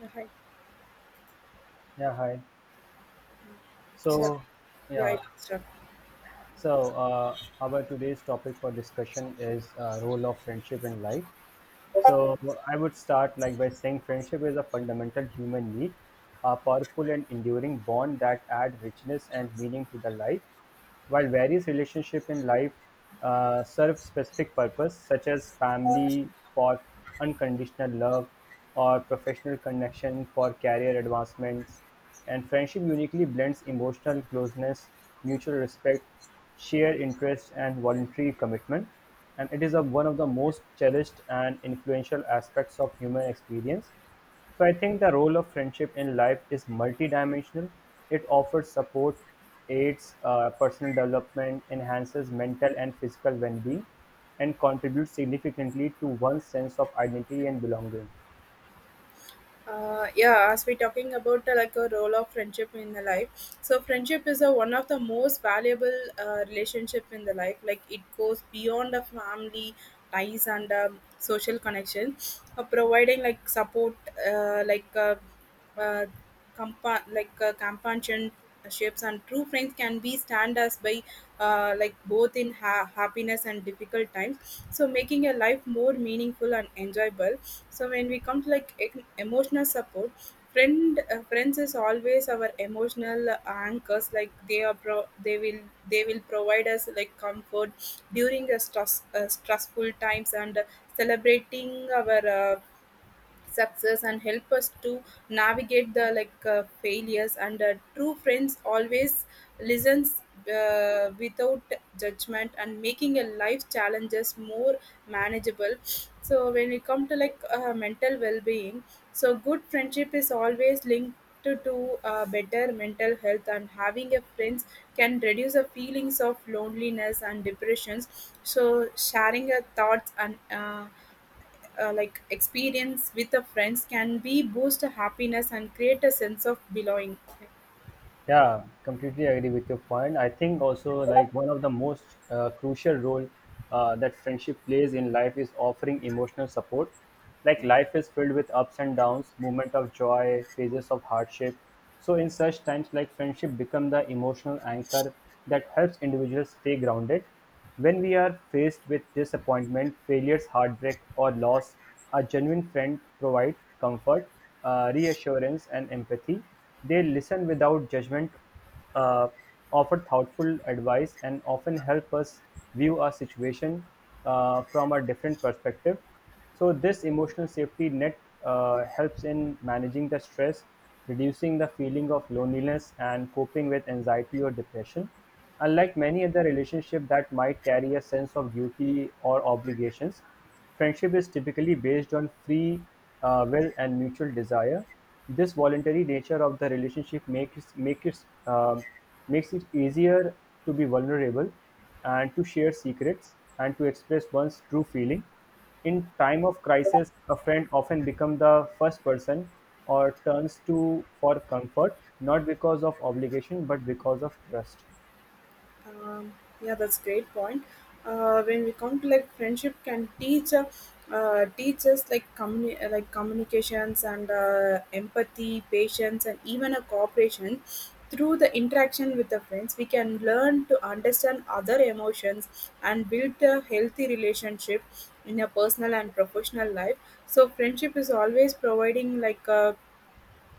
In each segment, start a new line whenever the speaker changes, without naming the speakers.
Yeah, hi.
Yeah, hi.
So,
So,
yeah,
yeah,
it can
so our today's topic for discussion is role of friendship in life. So I would start like by saying friendship is a fundamental human need, a powerful and enduring bond that add richness and meaning to the life. While various relationships in life serve specific purpose, such as family for unconditional love or professional connection for career advancements, and friendship uniquely blends emotional closeness, mutual respect, shared interest, and voluntary commitment. And it is a, one of the most cherished and influential aspects of human experience, so I think the role of friendship in life is multidimensional. It offers support, aids personal development, enhances mental and physical well-being, and contributes significantly to one's sense of identity and belonging.
Yeah, as we're talking about like a role of friendship in the life, so friendship is a, one of the most valuable relationship in the life. Like it goes beyond the family ties and social connection, providing like support, uh, like uh, uh, compassion shapes and true friends can be stand us by like both in happiness and difficult times, so making your life more meaningful and enjoyable. So when we come to like emotional support, friends is always our emotional anchors. Like they will provide us like comfort during the stressful times, and celebrating our success and help us to navigate the like failures. And true friends always listens without judgment, and making a life challenges more manageable. So when it come to like mental well-being, so good friendship is always linked to better mental health, and having a friends can reduce the feelings of loneliness and depressions. So sharing your thoughts and like experience with the friends can be boost happiness and create a sense of belonging.
Yeah, completely agree with your point. I think also like one of the most crucial role that friendship plays in life is offering emotional support. Like life is filled with ups and downs, moment of joy, phases of hardship. So in such times, like friendship become the emotional anchor that helps individuals stay grounded. When we are faced with disappointment, failures, heartbreak, or loss, a genuine friend provides comfort, reassurance, and empathy. They listen without judgment, uh, offer thoughtful advice, and often help us view our situation from a different perspective. So this emotional safety net helps in managing the stress, reducing the feeling of loneliness, and coping with anxiety or depression. Unlike many other relationships that might carry a sense of duty or obligations, friendship is typically based on free will and mutual desire. This voluntary nature of the relationship makes it, makes it easier to be vulnerable and to share secrets and to express one's true feeling. In time of crisis, a friend often becomes the first person or turns to for comfort, not because of obligation but because of trust.
Um, yeah, that's great point. When we come to like friendship can teach teach us like like communications and empathy, patience, and even a cooperation. Through the interaction with the friends, we can learn to understand other emotions and build a healthy relationship in a personal and professional life. So friendship is always providing like a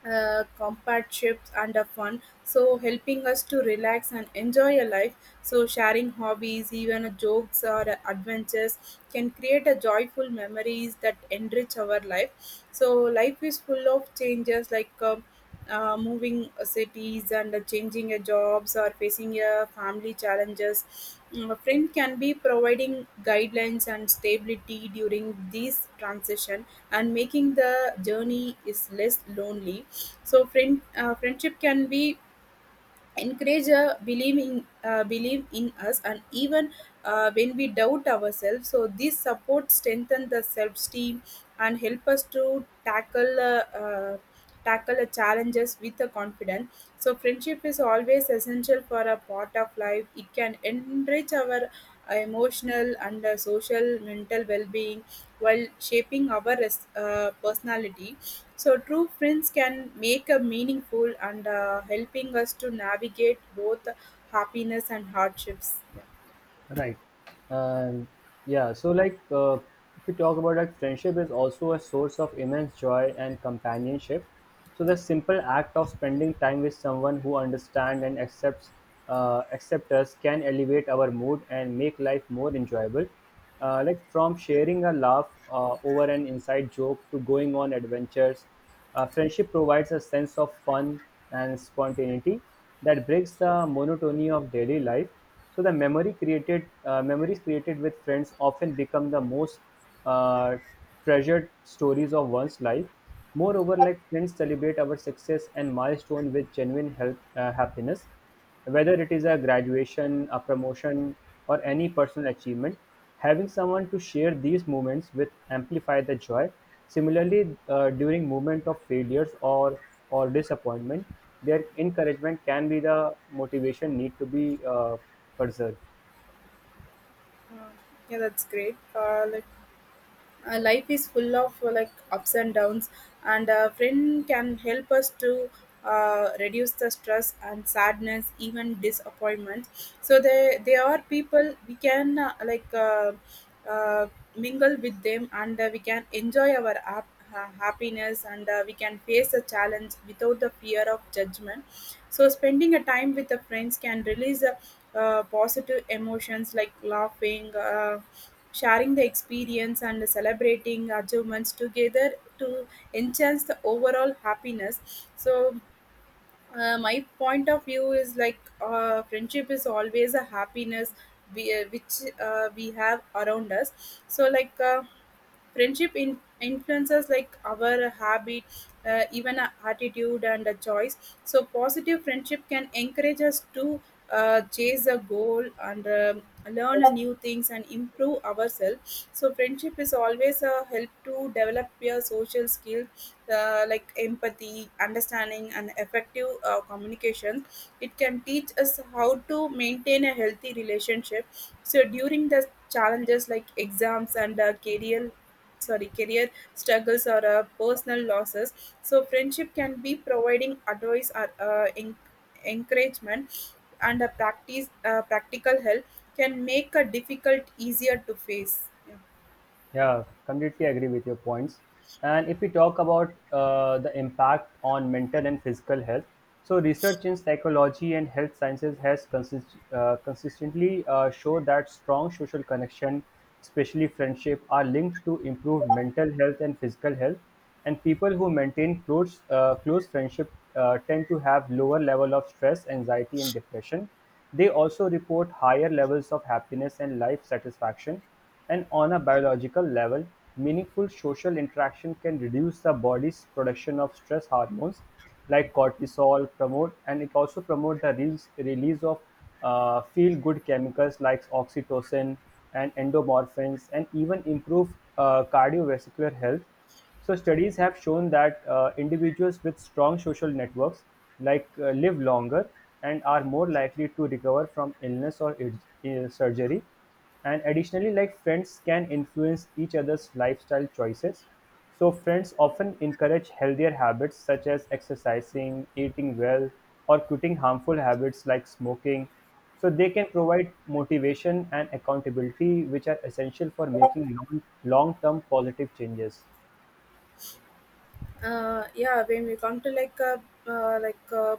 companionships and fun, so helping us to relax and enjoy a life. So sharing hobbies, even jokes or adventures can create a joyful memories that enrich our life. So life is full of changes, like moving cities and changing jobs, or facing family challenges. Mm, a friend can be providing guidelines and stability during this transition, and making the journey is less lonely. So friendship can be encourage a believe in believe in us, and even when we doubt ourselves, so this support strengthen the self esteem and help us to tackle the challenges with a confidence. So friendship is always essential for a part of life. It can enrich our emotional and social mental well-being while shaping our personality. So true friends can make a meaningful and helping us to navigate both happiness and hardships. Yeah,
Right. Um, So, if we talk about like friendship is also a source of immense joy and companionship. So, the simple act of spending time with someone who understands and accept us can elevate our mood and make life more enjoyable. Like from sharing a laugh over an inside joke to going on adventures, friendship provides a sense of fun and spontaneity that breaks the monotony of daily life, so the memory created memories created with friends often become the most uh, treasured stories of one's life. Moreover, like friends celebrate our success and milestone with genuine help, happiness, whether it is a graduation, a promotion, or any personal achievement. Having someone to share these moments with amplify the joy. Similarly, during moment of failures or disappointment, their encouragement can be the motivation need to be preserved.
yeah, that's great. Let Life is full of like ups and downs, and a friend can help us to reduce the stress and sadness, even disappointment. So they are people we can uh, mingle with them, and we can enjoy our happiness, and we can face a challenge without the fear of judgment. So spending a time with the friends can release positive emotions, like laughing, sharing the experience, and celebrating achievements together to enhance the overall happiness. So my point of view is like friendship is always a happiness we, which we have around us. So, like, friendship in influences like our habit, even our attitude and a choice. So positive friendship can encourage us to chase a goal, and learn new things and improve ourselves. So friendship is always a help to develop your social skills, like empathy, understanding, and effective communication. It can teach us how to maintain a healthy relationship. So during the challenges, like exams and career, sorry, career struggles, or personal losses, so friendship can be providing advice, or encouragement and a practice practical help can make a difficult easier to face. Yeah.
Yeah, completely agree with your points. And if we talk about the impact on mental and physical health, so research in psychology and health sciences has consistently shown that strong social connection, especially friendship, are linked to improved mental health and physical health. And people who maintain close friendship tend to have lower level of stress, anxiety, and depression. They also report higher levels of happiness and life satisfaction, and on a biological level, meaningful social interaction can reduce the body's production of stress hormones like cortisol promote, and it also promote the release of feel good chemicals like oxytocin and endomorphins, and even improve cardiovascular health. So studies have shown that individuals with strong social networks live longer and are more likely to recover from illness or surgery. And additionally, like friends can influence each other's lifestyle choices, so friends often encourage healthier habits such as exercising, eating well, or quitting harmful habits like smoking. So they can provide motivation and accountability, which are essential for making long-term positive changes.
Yeah when we come to like uh, like uh,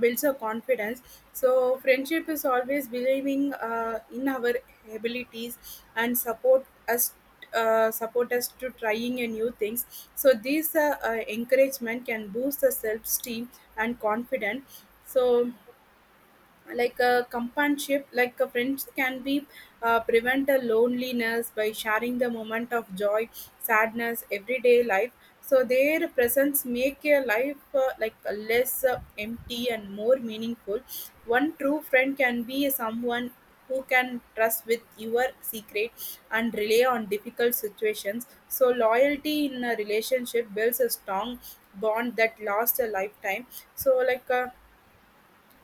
builds our confidence, so friendship is always believing in our abilities and support us to trying a new things. So these encouragement can boost the self-esteem and confidence. So like a companionship, like a friends can be prevent a loneliness by sharing the moment of joy, sadness, everyday life. So their presence make a life like a less empty and more meaningful. One true friend can be someone who can trust with your secret and rely on difficult situations. So loyalty in a relationship builds a strong bond that lasts a lifetime. So like a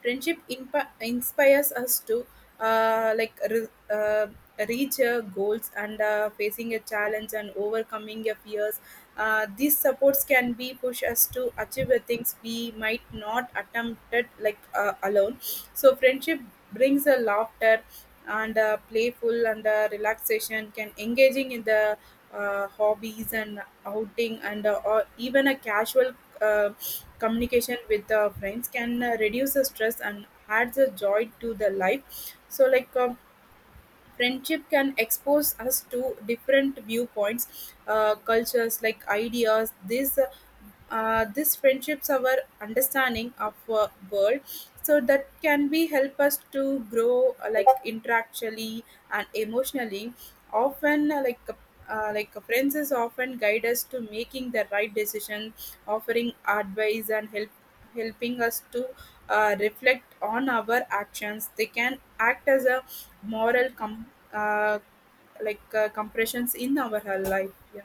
friendship inspires us to like reach goals, and facing a challenge and overcoming your fears. Uh, these supports can be push us to achieve the things we might not attempted like alone. So friendship brings a laughter and playful and relaxation, can engaging in the hobbies and outing, and or even a casual uh, communication with friends can reduce the stress and adds a joy to the life. So like friendship can expose us to different viewpoints, cultures, like ideas. This friendships our understanding of world, so that can be help us to grow like intellectually and emotionally. Often like friends is often guide us to making the right decision, offering advice and help, helping us to reflect on our actions. They can act as a moral com- uh, like compressions in our life. Yeah.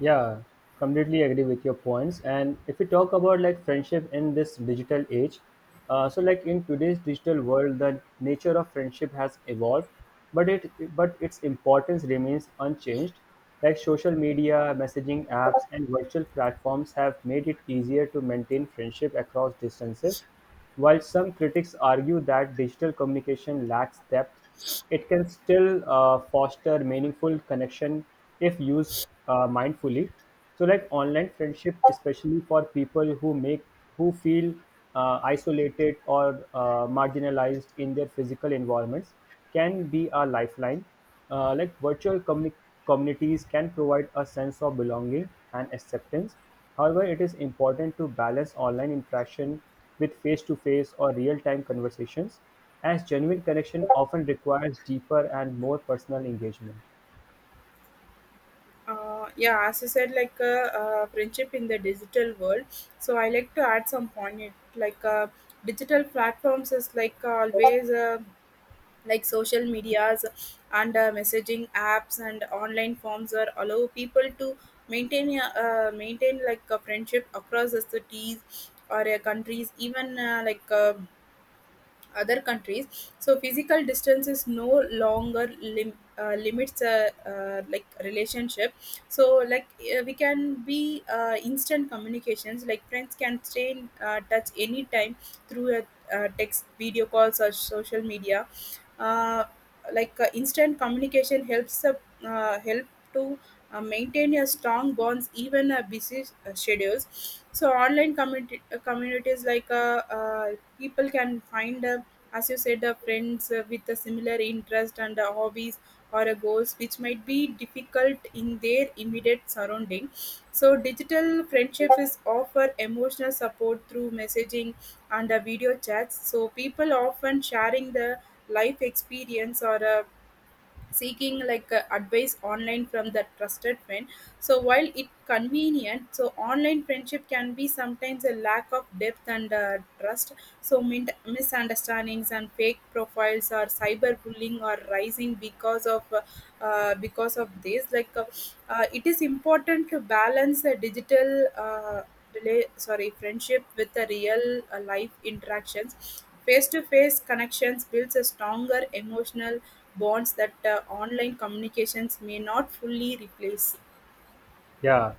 Yeah, completely agree with your points. And if we talk about like friendship in this digital age, so like in today's digital world, the nature of friendship has evolved, but its importance remains unchanged. Like social media, messaging apps, and virtual platforms have made it easier to maintain friendship across distances. While some critics argue that digital communication lacks depth, it can still foster meaningful connection if used mindfully. So, like online friendship, especially for people who make who feel isolated or marginalized in their physical environments, can be a lifeline. Like virtual communities can provide a sense of belonging and acceptance. However, it is important to balance online interaction with face to face or real time conversations, as genuine connection often requires deeper and more personal engagement.
Yeah, as you said, like friendship in the digital world, so I like to add some point, like digital platforms is like always, like social medias and messaging apps and online forms are allow people to maintain like a friendship across the cities or countries, even other countries. So physical distance is no longer limits a like relationship. So like we can be instant communications. Like friends can stay in touch anytime through a text, video calls, or social media. Uh, like instant communication helps help to maintain your strong bonds, even a busy schedules. So online communities, like people can find a, as you said, friends with a similar interest and hobbies, or goals, which might be difficult in their immediate surrounding. So digital friendship is offer emotional support through messaging and video chats. So people often sharing the life experience, or seeking like advice online from the trusted friend. So while it convenient, so online friendship can be sometimes a lack of depth and trust. So misunderstandings and fake profiles or cyberbullying are rising because of this. Like it is important to balance the digital, sorry, friendship with the real life interactions. Face to face connections builds a stronger emotional bonds that online communications may not fully replace.
Yeah.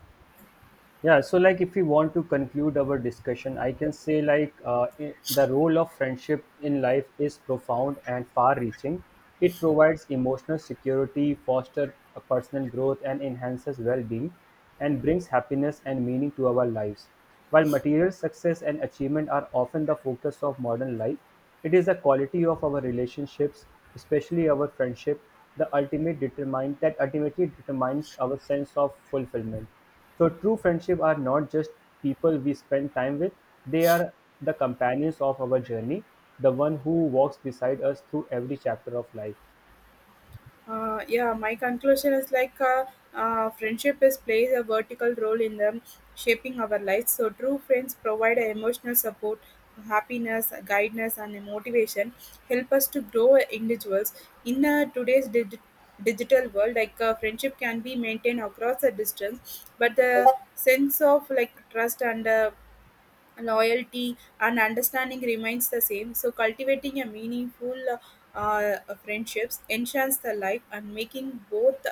Yeah, so like if we want to conclude our discussion, I can say the role of friendship in life is profound and far-reaching. It provides emotional security, fosters a personal growth, and enhances well-being, and brings happiness and meaning to our lives. While material success and achievement are often the focus of modern life, it is the quality of our relationships, especially our friendship, the ultimate determine that ultimately determines our sense of fulfillment. So true friendship are not just people we spend time with, they are the companions of our journey, the one who walks beside us through every chapter of life.
Yeah, my conclusion is like friendship is plays a vertical role in them shaping our lives. So true friends provide a emotional support, happiness, guidance, and motivation, help us to grow as individuals. In today's digital world, like friendship can be maintained across a distance, but the sense of like trust and loyalty and understanding remains the same. So cultivating a meaningful uh, friendships enchants the life, and making both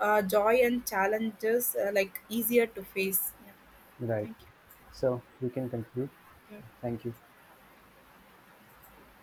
joy and challenges like easier to face. Yeah.
Right. So we can conclude.
Yeah.
Thank you.